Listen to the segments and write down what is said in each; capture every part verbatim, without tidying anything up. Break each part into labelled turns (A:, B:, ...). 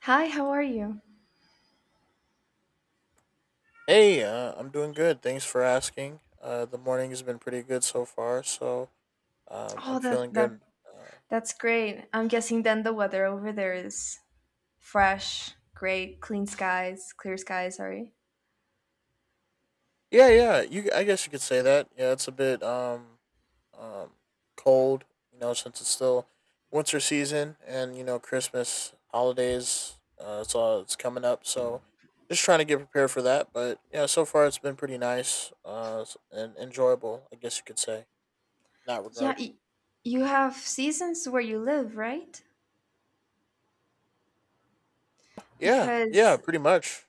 A: Hi, how are you?
B: Hey, uh, I'm doing good. Thanks for asking. Uh, the morning has been pretty good so far, so um,
A: Oh,
B: I'm
A: that
B: feeling
A: that
B: good. Uh,
A: that's great. I'm guessing then the weather over there is fresh, great, clean skies, clear skies, sorry.
B: yeah, yeah. You, I guess you could say that. Yeah, it's a bit um, um, cold, you know, since it's still winter season and you know Christmas holidays. Uh, it's all it's coming up, so just trying to get prepared for that. But yeah, so far it's been pretty nice uh, s- and enjoyable. I guess you could say in that
A: Yeah,
B: regard.
A: y- you have seasons where you live, right?
B: Yeah, yeah,
A: Because
B: pretty much.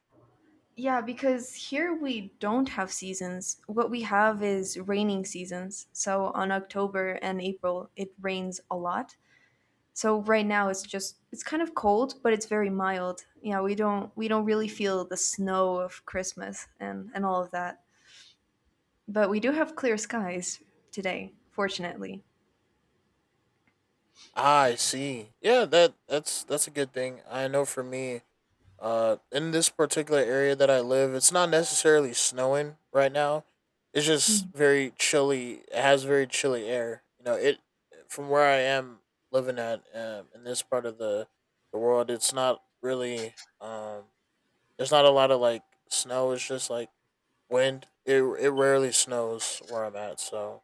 A: yeah, because here we don't have seasons. What we have is raining seasons. So on October and April, it rains a lot. So right now it's just it's kind of cold, but it's very mild. You know, we don't we don't really feel the snow of Christmas and and all of that. But we do have clear skies today, fortunately.
B: Ah, I see. Yeah, that that's that's a good thing. I know for me, uh, in this particular area that I live, it's not necessarily snowing right now. It's just very chilly. It has very chilly air. You know, it from where I am living at, um, in this part of the the world, it's not really um. There's not a lot of like snow. It's just like wind. It it rarely snows where I'm at. So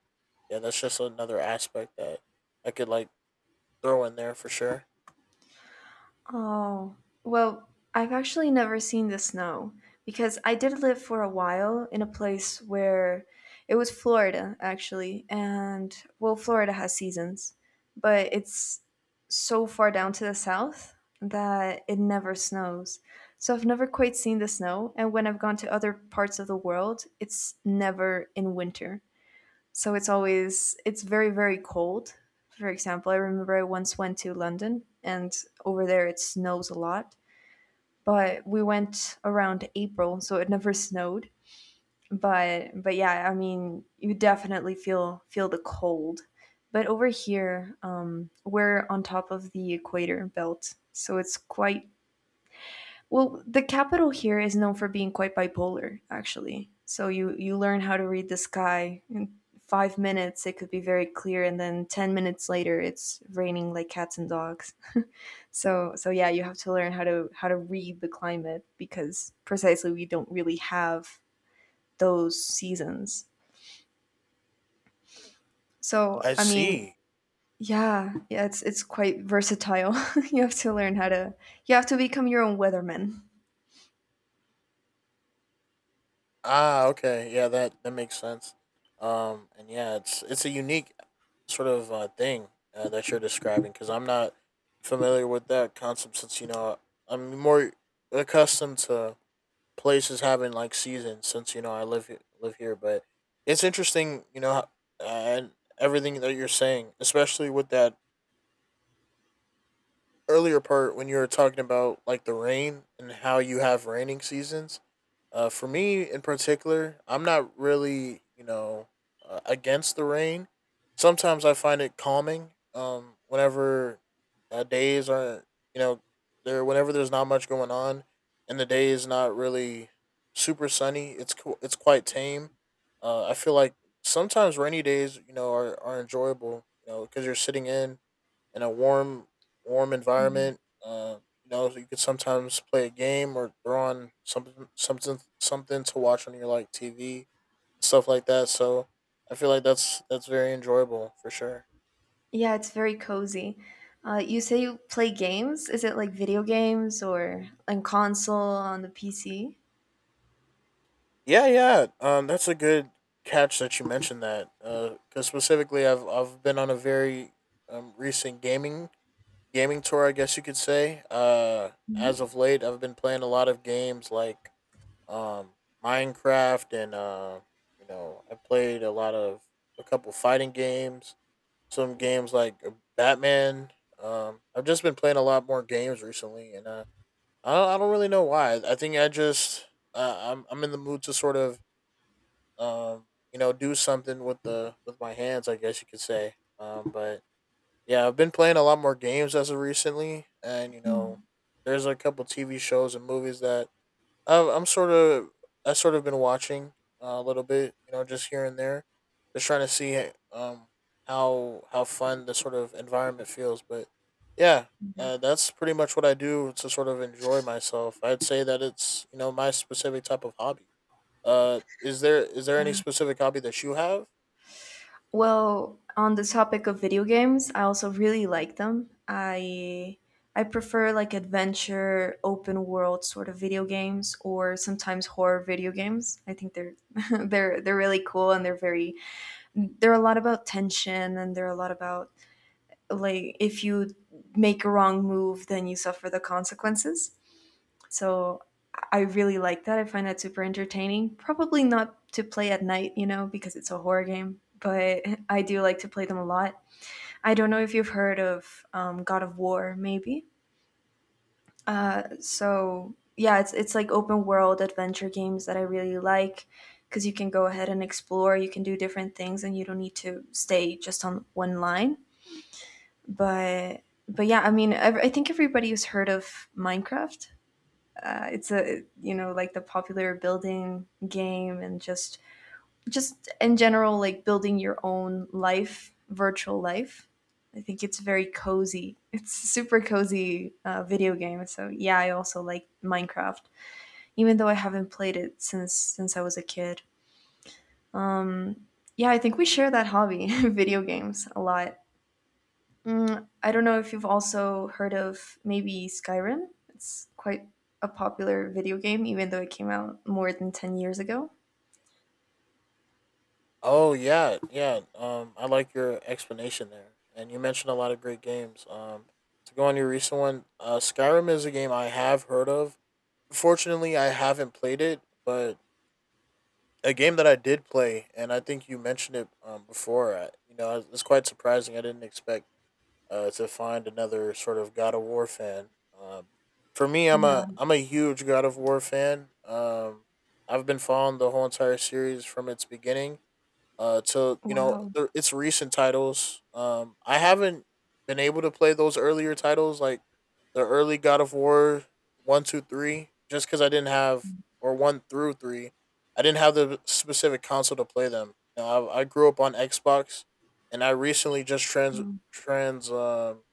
B: yeah, that's just another aspect that I could like throw in there for sure.
A: Oh, well, I've actually never seen the snow because I did live for a while in a place where it was Florida, actually. And well, Florida has seasons, but it's so far down to the south that it never snows. So I've never quite seen the snow. And when I've gone to other parts of the world, it's never in winter. So it's always it's very very cold. For example, I remember I once went to London and over there it snows a lot, but we went around April, so it never snowed. But but yeah, I mean, you definitely feel feel the cold. But over here, um, we're on top of the equator belt, so it's quite well, the capital here is known for being quite bipolar, actually. So you you learn how to read the sky in five minutes. It could be very clear, and then ten minutes later, it's raining like cats and dogs. so so yeah, you have to learn how to how to read the climate because precisely we don't really have those seasons. So
B: I
A: I mean,
B: see.
A: yeah, yeah, it's it's quite versatile. you have to learn how to you have to become your own weatherman.
B: Ah, okay. Yeah, that that makes sense. Um, and yeah, it's it's a unique sort of uh, thing uh, that you're describing because I'm not familiar with that concept since you know I'm more accustomed to places having like seasons since you know I live he- live here. But it's interesting, you know, how- and everything that you're saying, especially with that earlier part when you were talking about like the rain and how you have raining seasons. Uh, for me in particular, I'm not really, you know, uh, against the rain. Sometimes I find it calming. Um, whenever uh, days are, you know, there whenever there's not much going on, and the day is not really super sunny, it's cool. It's quite tame. Uh, I feel like sometimes rainy days, you know, are, are enjoyable. You know, because you're sitting in, in a warm warm environment. Uh, you know, so you could sometimes play a game or throw on something something something to watch on your like T V and stuff like that. So I feel like that's that's very enjoyable for sure.
A: Yeah, it's very cozy. Uh, you say you play games? Is it like video games or on console on the P C?
B: Yeah, yeah. Um, that's a good catch that you mentioned that. Uh, Because specifically, I've I've been on a very um, recent gaming gaming tour, I guess you could say. Uh, as
A: Mhm.
B: of late, I've been playing a lot of games like um, Minecraft, and uh, you know, I played a lot of a couple fighting games, some games like uh, Batman. Um, I've just been playing a lot more games recently, and uh, I don't, I don't really know why. I think I just uh, I'm I'm in the mood to sort of um, you know do something with the with my hands, I guess you could say. Um, but yeah, I've been playing a lot more games as of recently, and you know, there's a couple T V shows and movies that I've, I'm sort of I sort of been watching uh, a little bit, you know, just here and there, just trying to see eh, um how how fun the sort of environment feels. But yeah,
A: Yeah.
B: uh, that's pretty much what I do to sort of enjoy myself. I'd say that it's you know my specific type of hobby. Uh, is there is there any
A: Yeah.
B: specific hobby that you have?
A: Well, on the topic of video games, I also really like them. I I prefer like adventure, open world sort of video games or sometimes horror video games. I think they're they're they're really cool and they're very they're a lot about tension and they're a lot about like if you make a wrong move then you suffer the consequences, so I really like that. I find that super entertaining, probably not to play at night, you know, because it's a horror game, but I do like to play them a lot. I don't know if you've heard of um, God of War maybe. So yeah, it's, it's like open world adventure games that I really like because you can go ahead and explore, you can do different things and you don't need to stay just on one line. But but yeah, I mean, ev- I think everybody's heard of Minecraft. Uh, it's a, you know, like the popular building game, and just just in general like building your own life, virtual life. I think it's very cozy. It's a super cozy uh, video game, so yeah, I also like Minecraft, even though I haven't played it since since I was a kid. Yeah, I think we share that hobby, video games a lot. Mm, I don't know if you've also heard of maybe Skyrim. It's quite a popular video game, even though it came out more than ten years ago.
B: Oh yeah, yeah. Um, I like your explanation there, and you mentioned a lot of great games. Um, to go on your recent one, uh, Skyrim is a game I have heard of. Fortunately, I haven't played it, but a game that I did play, and I think you mentioned it um, before. I, you know, it's quite surprising. I didn't expect uh, to find another sort of God of War fan. Um, for me, I'm a
A: Yeah.
B: I'm a huge God of War fan. Um, I've been following the whole entire series from its beginning, uh to you know
A: Wow.
B: the, its recent titles. Um, I haven't been able to play those earlier titles like the early God of War one, two, three, just because I didn't have or one through three, I didn't have the specific console to play them. You know, I, I grew up on Xbox, and I recently just trans
A: Um,
B: trans um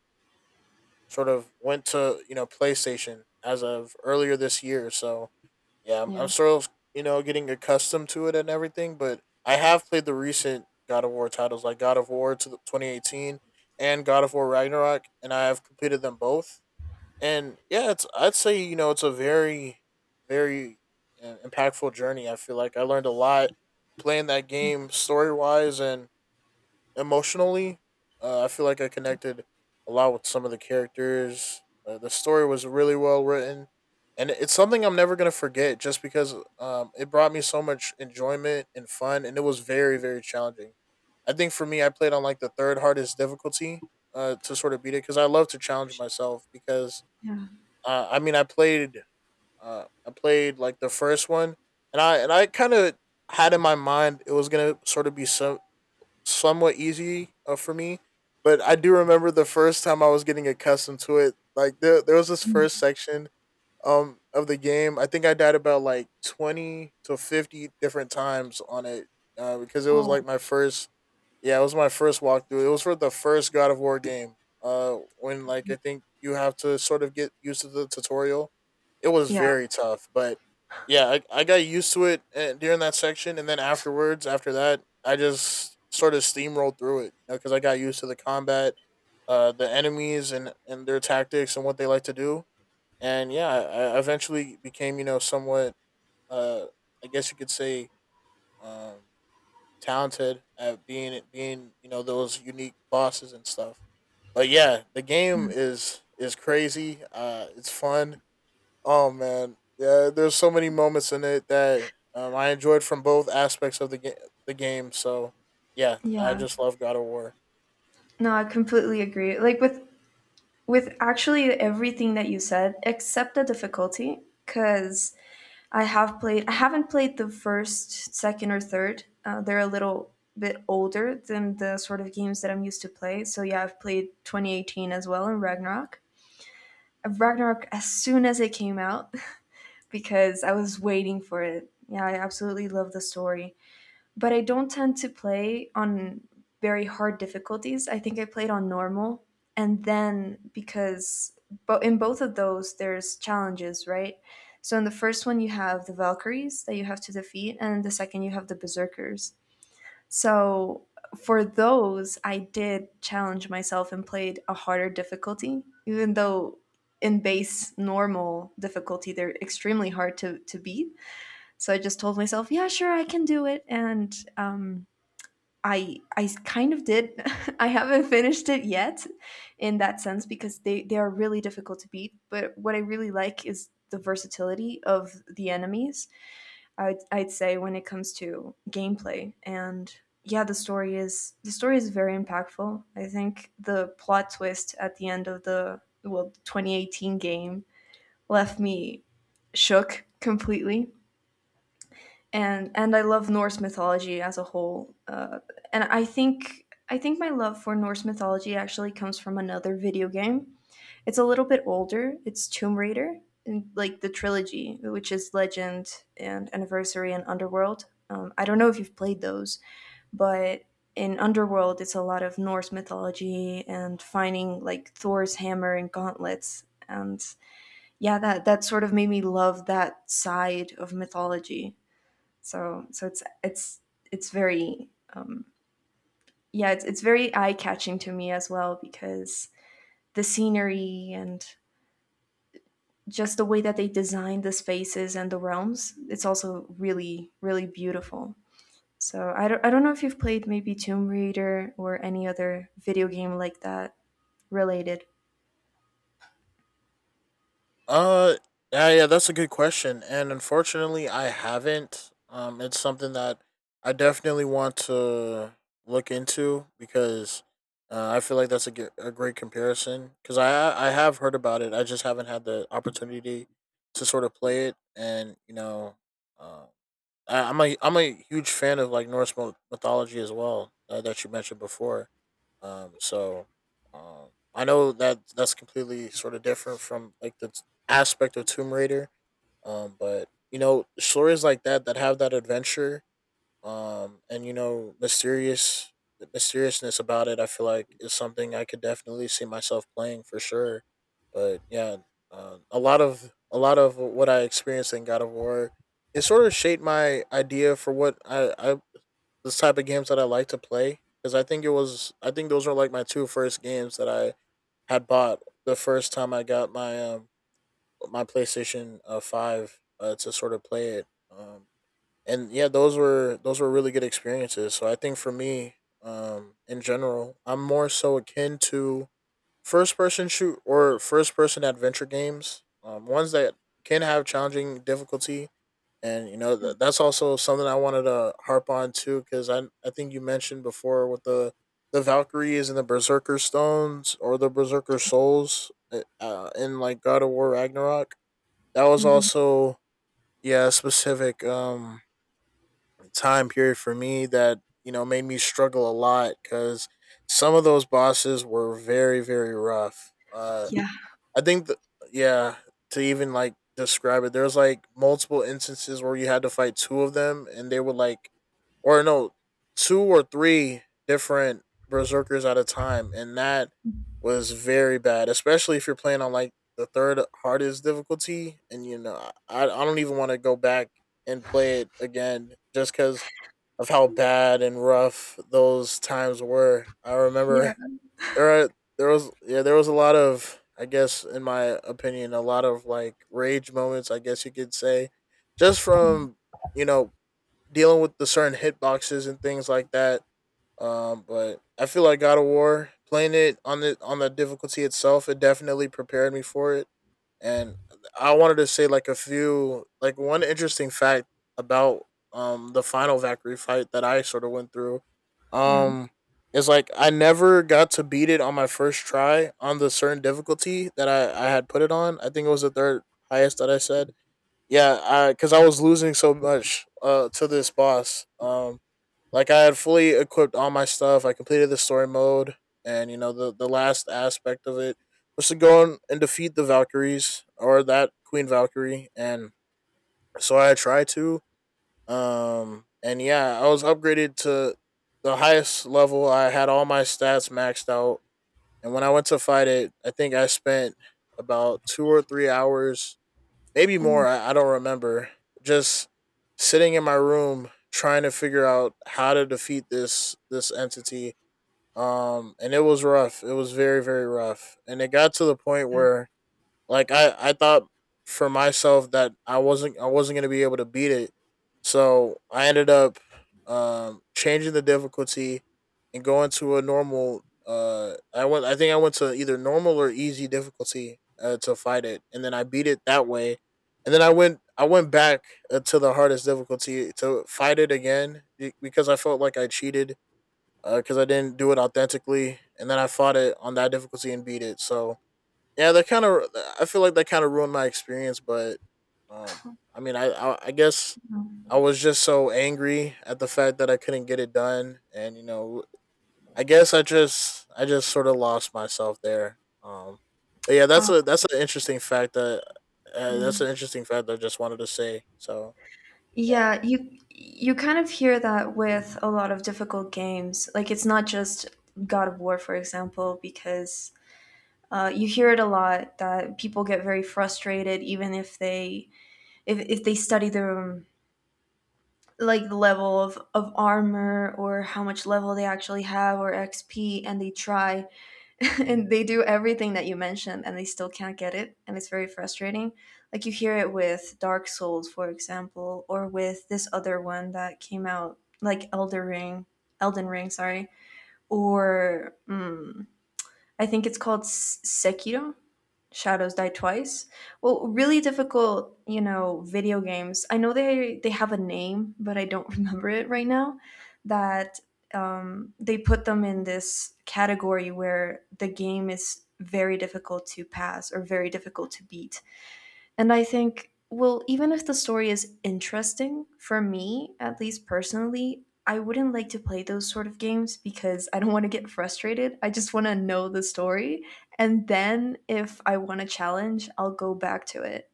B: sort of went to you know PlayStation as of earlier this year. So yeah, I'm, I'm
A: Yeah.
B: sort of you know getting accustomed to it and everything, but I have played the recent God of War titles like God of War to the twenty eighteen and God of War Ragnarok, and I have completed them both. And yeah, it's I'd say you know it's a very very uh, impactful journey. I feel like I learned a lot playing that game story wise and emotionally. Uh, I feel like I connected a lot with some of the characters. Uh, the story was really well written, and it's something I'm never gonna forget just because um, it brought me so much enjoyment and fun, and it was very very challenging. I think for me, I played on like the third hardest difficulty uh, to sort of beat it because I love to challenge myself. Because
A: yeah.
B: uh, I mean, I played uh, I played like the first one, and I and I kind of had in my mind it was gonna sort of be some somewhat easy uh, for me. But I do remember the first time I was getting accustomed to it. Like there, there was this first
A: Mm.
B: section um of the game. I think I died about like twenty to fifty different times on it uh, because it was like
A: Oh.
B: my first yeah, it was my first walkthrough. It was for the first God of War game. Uh, when like I think you have to sort of get used to the tutorial. It was
A: Yeah.
B: very tough, but yeah, I, I got used to it uh, during that section, and then afterwards, after that, I just sort of steamrolled through it, you know, because I got used to the combat, uh, the enemies and and their tactics and what they like to do, and yeah, I, I eventually became you know somewhat, uh, I guess you could say, um talented at being being you know those unique bosses and stuff. But yeah, the
A: Yeah.
B: game is is crazy. Uh, it's fun. Oh man, yeah. There's so many moments in it that um, I enjoyed from both aspects of the game. The game. So yeah, I
A: Yeah.
B: just love God of War.
A: No, I completely agree. Like with with actually everything that you said except the difficulty, cuz I have played. I haven't played the first, second, or third. Uh, they're a little bit older than the sort of games that I'm used to play. So yeah, I've played twenty eighteen as well in Ragnarok. Uh, Ragnarok as soon as it came out because I was waiting for it. Yeah, I absolutely love the story, but I don't tend to play on very hard difficulties. I think I played on normal, and then because but in both of those there's challenges, right? So in the first one you have the Valkyries that you have to defeat, and in the second you have the Berserkers. So for those, I did challenge myself and played a harder difficulty, even though in base normal difficulty they're extremely hard to, to beat. So I just told myself, yeah, sure, I can do it, and um, I I s- kind of did. I haven't finished it yet in that sense because they they are really difficult to beat, but what I really like is the versatility of the enemies. I'd, I'd say when it comes to gameplay and yeah, the story is the story is very impactful. I think the plot twist at the end of the well twenty eighteen game left me shook completely and and I love Norse mythology as a whole. Uh, and I think I think my love for Norse mythology actually comes from another video game. It's a little bit older. It's Tomb Raider, and like the trilogy, which is Legend and Anniversary and Underworld. Um, I don't know if you've played those, but in Underworld, it's a lot of Norse mythology and finding like Thor's hammer and gauntlets. And yeah, that that sort of made me love that side of mythology, so so it's it's it's very yeah, it's it's very eye-catching to me as well because the scenery and just the way that they designed the spaces and the realms, it's also really really beautiful. So I don't I don't know if you've played maybe Tomb Raider or any other video game like that related.
B: Uh yeah, yeah, that's a good question. And unfortunately I haven't. Um it's something that I definitely want to look into because uh, I feel like that's a, ge- a great comparison cuz I I have heard about it. I just haven't had the opportunity to sort of play it and you know uh uh, I'm a I'm a huge fan of like Norse myth- mythology as well uh, that you mentioned before. Um, so um, I know that that's completely sort of different from like the t- aspect of Tomb Raider. Um, but you know stories like that that have that adventure um, and you know, mysterious the mysteriousness about it, I feel like is something I could definitely see myself playing for sure. But yeah, uh, a lot of a lot of what I experienced in God of War, it sort of shaped my idea for what I I the type of games that I like to play. Because I think it was I think those were like my two first games that I had bought the first time I got my um my PlayStation uh, Five uh, to sort of play it. Um, and yeah, those were those were really good experiences. So I think for me, um, in general, I'm more so akin to first person shoot or first person adventure games, um, ones that can have challenging difficulty. And you know
A: Yeah.
B: th- that's also something I wanted to harp on too, because I I think you mentioned before with the the Valkyries and the Berserker Stones or the Berserker Souls uh, uh, in like God of War Ragnarok. That was
A: Mhm.
B: also yeah a specific um time period for me that you know made me struggle a lot because some of those bosses were very very rough. Uh,
A: Yeah.
B: I think the yeah To even like describe it, there's like multiple instances where you had to fight two of them and they were like, or no, two or three different berserkers at a time, and that was very bad, especially if you're playing on like the third hardest difficulty and you know I, I don't even want to go back and play it again just because of how bad and rough those times were. I
A: Yeah.
B: remember there are, there was, yeah there was a lot of, I guess in my opinion, a lot of like rage moments, I guess you could say, just from you know dealing with the certain hitboxes and things like that. Um, but I feel like God of War, playing it on the on the difficulty itself, it definitely prepared me for it. And I wanted to say like a few like one interesting fact about um the final Valkyrie fight that I sort of went through.
A: Yeah.
B: Um is like I never got to beat it on my first try on the certain difficulty that I, I had put it on. I think it was the third highest that I said. Yeah, because I, 'cause I was losing so much uh, to this boss. Um, like I had fully equipped all my stuff. I completed the story mode, and you know the the last aspect of it was to go on and defeat the Valkyries, or that Queen Valkyrie, and so I tried to. Um, and yeah, I was upgraded to the highest level. I had all my stats maxed out, and when I went to fight it, I think I spent about two or three hours, maybe more. I, I don't remember. Just sitting in my room trying to figure out how to defeat this this entity. Um, and it was rough. It was very very rough, and it got to the point where like I, I thought for myself that I wasn't I wasn't gonna be able to beat it. So I ended up um changing the difficulty and going to a normal, uh I went I think I went to either normal or easy difficulty uh, to fight it, and then I beat it that way. And then I went I went back uh, to the hardest difficulty to fight it again because I felt like I cheated because uh, I didn't do it authentically, and then I fought it on that difficulty and beat it. So yeah, that kind of, I feel like that kind of ruined my experience, but um, I mean, I, I I guess I was just so angry at the fact that I couldn't get it done, and you know, I guess I just I just sort of lost myself there. Um, but yeah, that's
A: Um,
B: a that's an interesting fact that uh,
A: Yeah.
B: that's an interesting fact that I just wanted to say. So yeah.
A: Yeah, you you kind of hear that with a lot of difficult games. Like it's not just God of War, for example, because uh, you hear it a lot that people get very frustrated even if they if, if they study the um, like the level of, of armor or how much level they actually have or X P, and they try and they do everything that you mentioned and they still can't get it and it's very frustrating, like you hear it with Dark Souls, for example, or with this other one that came out like Elder Ring, Elden Ring, sorry, or mm, I think it's called S- Sekiro Shadows Die Twice. Well, really difficult, you know, video games. I know they they have a name, but I don't remember it right now. That um, they put them in this category where the game is very difficult to pass or very difficult to beat. And I think, well, even if the story is interesting, for me, at least personally, I wouldn't like to play those sort of games because I don't want to get frustrated. I just want to know the story. And then if I want a challenge, I'll go back to it.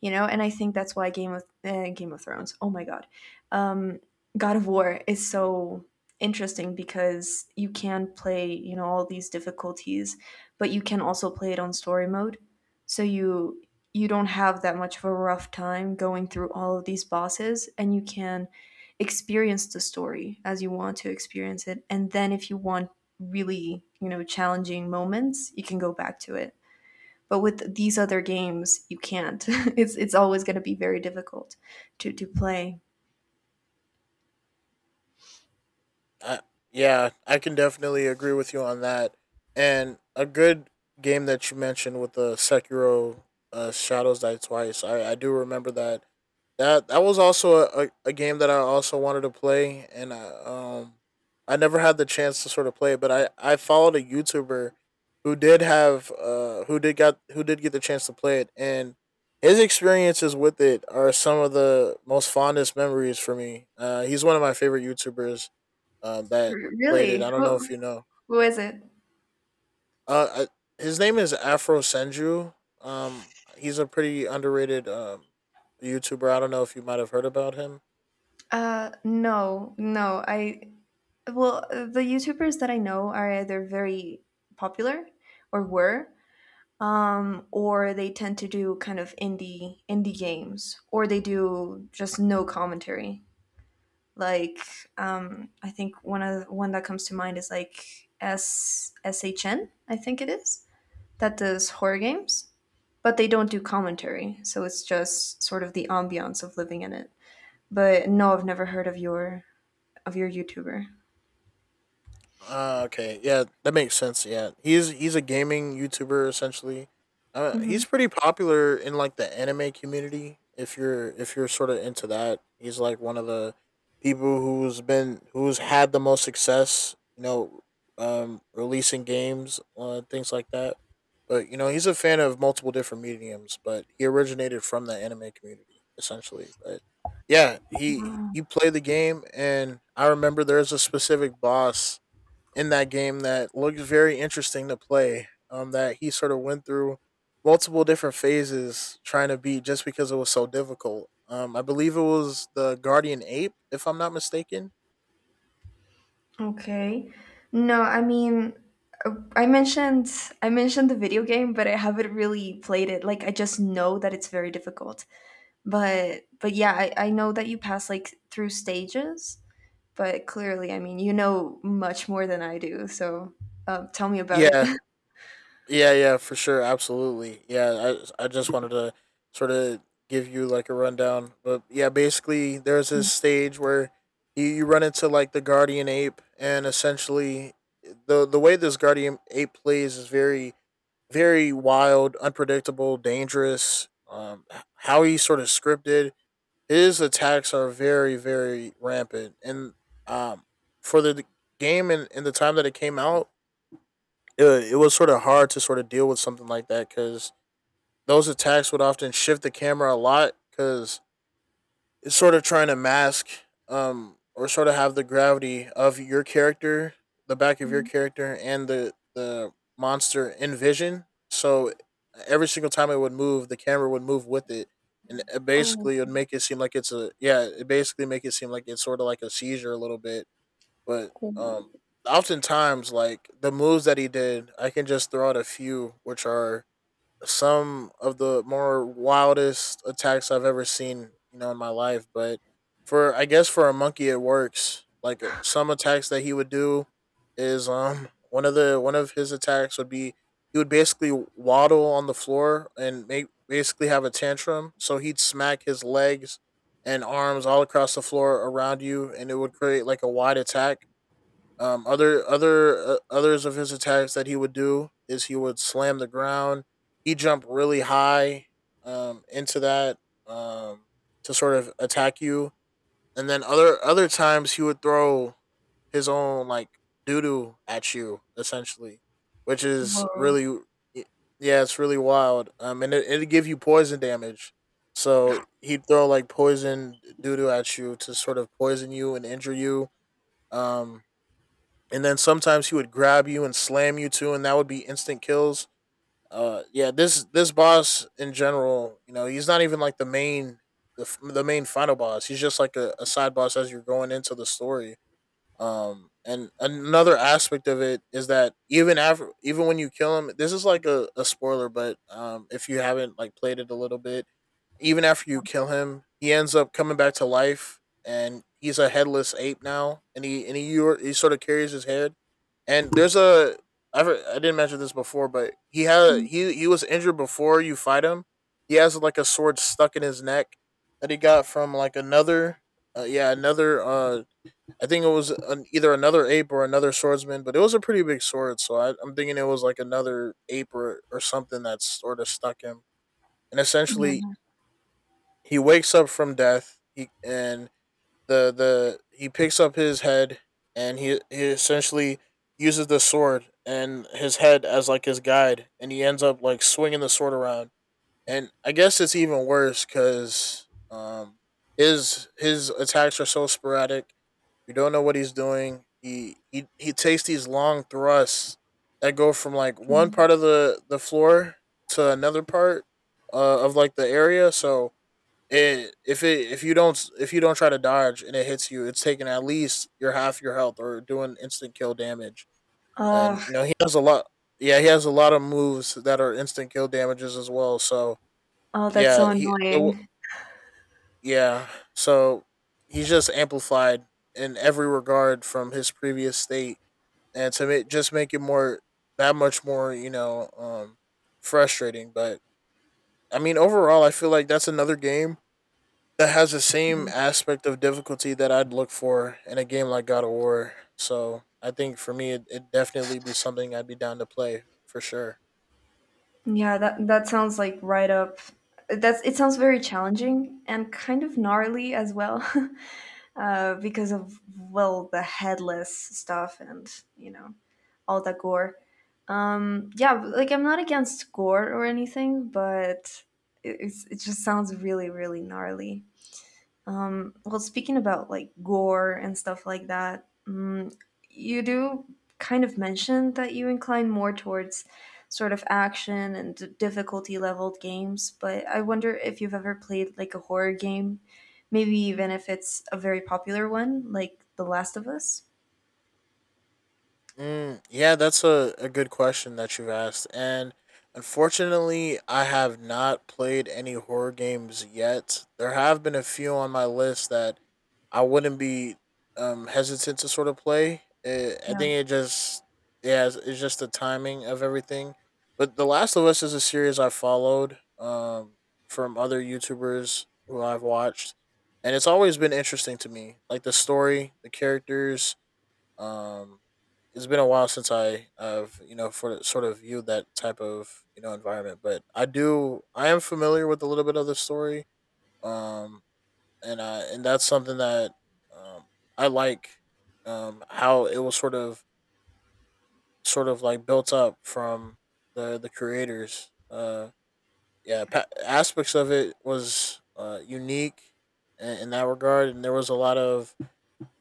A: You know, and I think that's why Game of eh, Game of Thrones. Oh my God, um, God of War is so interesting because you can play, you know, all these difficulties, but you can also play it on story mode. So you you don't have that much of a rough time going through all of these bosses and you can experience the story as you want to experience it, and then if you want really, you know, challenging moments, you can go back to it, but with these other games you can't. it's it's always going to be very difficult to to play.
B: I, yeah, I can definitely agree with you on that. And a good game that you mentioned with the Sekiro, uh, Shadows Die Twice, I, I do remember that. That that was also a, a, a game that I also wanted to play, and I, um, I never had the chance to sort of play it, but I, I followed a YouTuber who did have uh who did got who did get the chance to play it, and his experiences with it are some of the most fondest memories for me. Uh, he's one of my favorite YouTubers uh, that
A: R-
B: played it.
A: really
B: I don't know
A: who,
B: if you know.
A: who is it?
B: Uh, I, his name is Afro Senju. Um, he's a pretty underrated um YouTuber. I don't know if you might have heard about him.
A: Uh no no i Well, the YouTubers that I know are either very popular or were um, or they tend to do kind of indie indie games, or they do just no commentary. Like um, I think one of one that comes to mind is like S SHN, I think it is, that does horror games, but they don't do commentary, so it's just sort of the ambiance of living in it. But no, I've never heard of your of your YouTuber.
B: Uh, okay, yeah, that makes sense. Yeah, he's he's a gaming YouTuber essentially. Uh,
A: Mhm.
B: he's pretty popular in like the anime community. If you're if you're sort of into that, he's like one of the people who's been who's had the most success. You know, um, releasing games, uh, things like that. But you know, he's a fan of multiple different mediums. But he originated from the anime community essentially. But yeah, he he played the game, and I remember there's a specific boss in that game that looked very interesting to play. Um, that he sort of went through multiple different phases trying to beat, just because it was so difficult. Um, I believe it was the Guardian Ape, if I'm not mistaken.
A: Okay. No, I mean, uh, I mentioned I mentioned the video game, but I haven't really played it. Like I just know that it's very difficult. But but yeah, I, I know that you pass like through stages, but clearly, I mean, you know much more than I do. So, uh, tell me about it.
B: Yeah, yeah, yeah, for sure, absolutely. Yeah, I I just wanted to sort of give you like a rundown, but yeah, basically there's this
A: Mm.
B: stage where you, you run into like the Guardian Ape, and essentially the the way this Guardian Ape plays is very very wild, unpredictable, dangerous. Um, how he sort of scripted his attacks are very, very rampant. And um, for the game and, and the time that it came out, it, it was sort of hard to sort of deal with something like that because those attacks would often shift the camera a lot because is sort of trying to mask um or sort of have the gravity of your character, the back of your
A: Mm.
B: character and the the monster in vision. So every single time it would move, the camera would move with it. And it
A: Oh,
B: basically would make it seem like it's a yeah, it basically make it seem like it's sort of like a seizure a little bit. But
A: cool.
B: um oftentimes like the moves that he did, I can just throw out a few which are some of the more wildest attacks I've ever seen, you know, in my life. But for, I guess for a monkey, it works. Like uh, some attacks that he would do is um one of the one of his attacks would be he would basically waddle on the floor and make, basically have a tantrum. So he'd smack his legs and arms all across the floor around you, and it would create like a wide attack. Um, other other uh, others of his attacks that he would do is he would slam the ground. He jumped really high um, into that um, to sort of attack you, and then other other times he would throw his own like doo doo at you essentially, which is
A: Whoa.
B: really, yeah, it's really wild. Um, and it it give you poison damage. So he'd throw like poison doo doo at you to sort of poison you and injure you. Um, and then sometimes he would grab you and slam you too, and that would be instant kills. Uh, yeah, this this boss in general, you know, he's not even like the main the, the main final boss. He's just like a, a side boss as you're going into the story. Um, and another aspect of it is that even after, even when you kill him, this is like a, a spoiler, but um, if you haven't like played it a little bit, even after you kill him, he ends up coming back to life, and he's a headless ape now, and he and he he sort of carries his head. And there's a, I I didn't mention this before, but he had he he was injured before you fight him. He has like a sword stuck in his neck that he got from like another, uh, yeah another, uh I think it was an, either another ape or another swordsman, but it was a pretty big sword, so I, I'm thinking it was like another ape or or something that's sort of stuck him. And essentially,
A: Yeah.
B: he wakes up from death. He and The the he picks up his head and he he essentially uses the sword and his head as like his guide, and he ends up like swinging the sword around. And I guess it's even worse because um his his attacks are so sporadic. You don't know what he's doing. He he he takes these long thrusts that go from like one part of the the floor to another part uh, of like the area. So it if it if you don't if you don't try to dodge and it hits you, it's taking at least your half your health or doing instant kill damage.
A: Ugh.
B: And you know he has a lot. Yeah, he has a lot of moves that are instant kill damages as well. So
A: Oh, that's so
B: yeah, he the w-
A: annoying.
B: yeah. So he's just amplified in every regard from his previous state, and to make just make it more, that much more, you know, um frustrating. But I mean overall, I feel like that's another game that has the same aspect of difficulty that I'd look for in a game like God of War. So I think for me, it, it'd definitely be something I'd be down to play for sure.
A: Yeah, that that sounds like right up. That's it sounds very challenging and kind of gnarly as well, uh, because of well the headless stuff and you know all that gore. Um, yeah, like I'm not against gore or anything, but it, it's, it just sounds really really gnarly. Mm, well, speaking about like gore and stuff like that, mm, you do kind of mention that you incline more towards sort of action and d- difficulty leveled games, but I wonder if you've ever played like a horror game, maybe even if it's a very popular one, like The Last of Us.
B: Mm, yeah, that's a, a good question that you've asked. And unfortunately, I have not played any horror games yet. There have been a few on my list that I wouldn't be um hesitant to sort of play. Eh, I think
A: Yeah,
B: it just Yeah, it's, it's just the timing of everything. But The Last of Us is a series I followed um from other YouTubers who I've watched, and it's always been interesting to me. Like the story, the characters. Um, it's been a while since I have, you know, for sort of viewed that type of you know environment, but I do I am familiar with a little bit of the story. Um, and uh, and that's something that um, I like, um, how it was sort of, sort of like built up from the the creators. Uh, yeah, pa- aspects of it was, uh, unique in, in that regard, and there was a lot of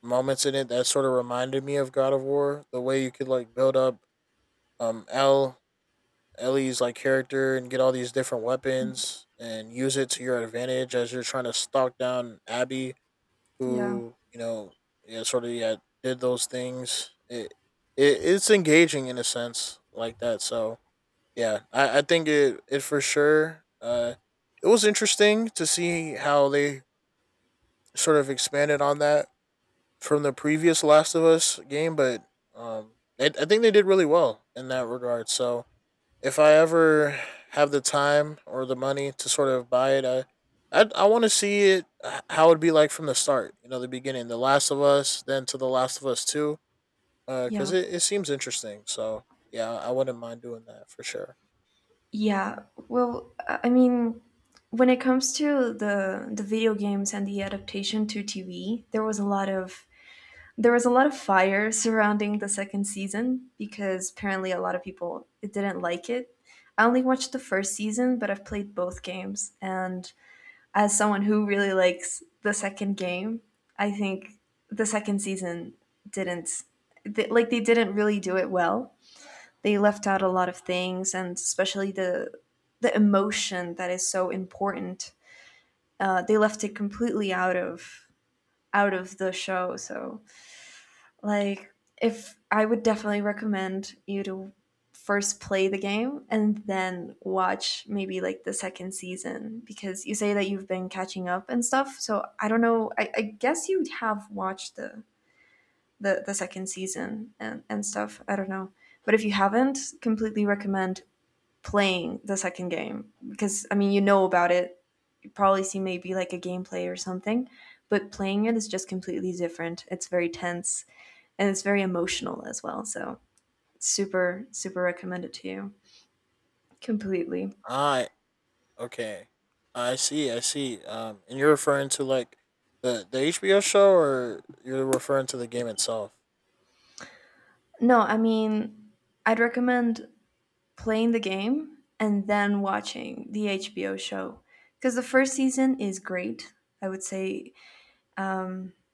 B: moments in it that sort of reminded me of God of War. The way you could like build up, um, L Ellie's like character and get all these different weapons and use it to your advantage as you're trying to stalk down Abby,
A: yeah,
B: who you know, yeah, sort of, yeah, did those things. it, it it's engaging in a sense like that. So yeah, I I think it it for sure, uh it was interesting to see how they sort of expanded on that from the previous Last of Us game. But um i, I think they did really well in that regard. So if I ever have the time or the money to sort of buy it, I I, I want to see it, uh, how it'd be like from the start. You know, the beginning, The Last of Us, then to The Last of Us Two,
A: yeah,
B: because it, it seems interesting. So yeah, I wouldn't mind doing that for sure.
A: yeah. Well, I I mean, when it comes to the the video games and the adaptation to T V, there was a lot of there was a lot of fire surrounding the second season, because apparently a lot of people it didn't like it. I only watched the first season, but I've played both games, and as someone who really likes the second game, I think the second season didn't they, like they didn't really do it well. They left out a lot of things, and especially the the emotion that is so important. Uh, they left it completely out of out of the show. So like, if I would definitely recommend you to first play the game and then watch maybe like the second season, because you say that you've been catching up and stuff. So I don't know. I, I guess you have watched the, the the second season and and stuff. I don't know. But if you haven't, completely recommend playing the second game, because I mean you know about it, probably see maybe like a gameplay or something, but playing it is just completely different. It's very tense and it's very emotional as well. So, super, super recommend it to you. Completely.
B: I okay, I see, I see. Um, and you're referring to like the the H B O show, or you're referring to the game itself?
A: No, I mean, I'd recommend playing the game and then watching the H B O show, because the first season is great. I would say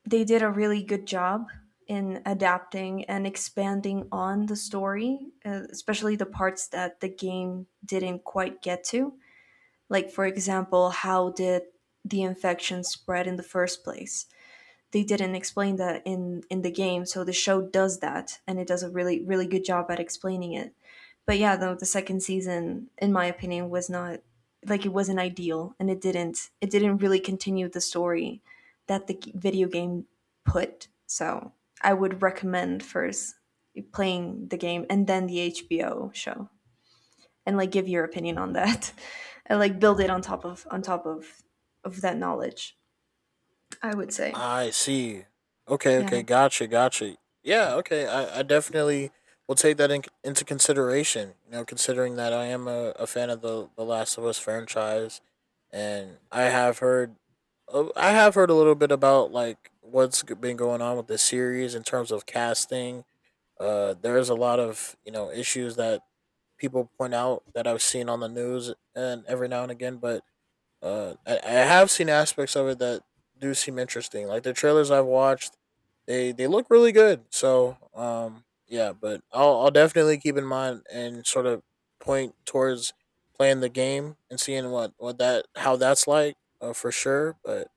A: they did a really good job in adapting and expanding on the story, uh, especially the parts that the game didn't quite get to. Like, for example, how did the infection spread in the first place? They didn't explain that in, in the game, so the show does that, and it does a really, really good job at explaining it. But yeah, though the second season, in my opinion, was not like it wasn't ideal, and it didn't it didn't really continue the story that the video game put. So I would recommend first playing the game and then the H B O show, and like give your opinion on that, and like build it on top of on top of of that knowledge, I would say,
B: I see. Okay,
A: yeah,
B: okay, gotcha, gotcha. Yeah, okay, I, I definitely will take that in, into consideration. You know, considering that I am a, a fan of the the Last of Us franchise, and I have heard, uh, I have heard a little bit about like what's g- been going on with the series in terms of casting. Uh, there's a lot of you know issues that people point out that I've seen on the news and every now and again, but uh, I, I have seen aspects of it that do seem interesting. Like the trailers I've watched, they they look really good. So um, yeah, but I'll I'll definitely keep in mind and sort of point towards playing the game and seeing what what that, how that's like, uh, for sure. But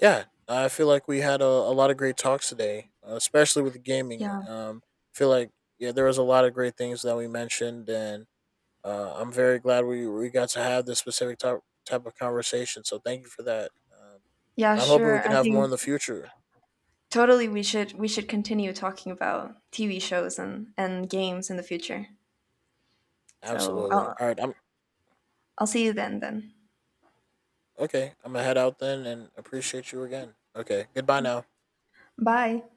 B: yeah, I feel like we had a, a lot of great talks today, uh, especially with the gaming.
A: yeah,
B: Um, I feel like, yeah, there was a lot of great things that we mentioned, and uh, I'm very glad we we got to have this specific type type of conversation. So thank you for that. Um,
A: yeah.
B: and I'm hoping we
A: Sure,
B: can
A: I
B: have more
A: think
B: in the future.
A: totally we should we should continue talking about T V shows and and games in the future. So
B: Absolutely.
A: I'll
B: All right. I'm
A: I'll see you then then.
B: okay. I'm gonna head out then, and appreciate you again. Okay. Goodbye now.
A: Bye.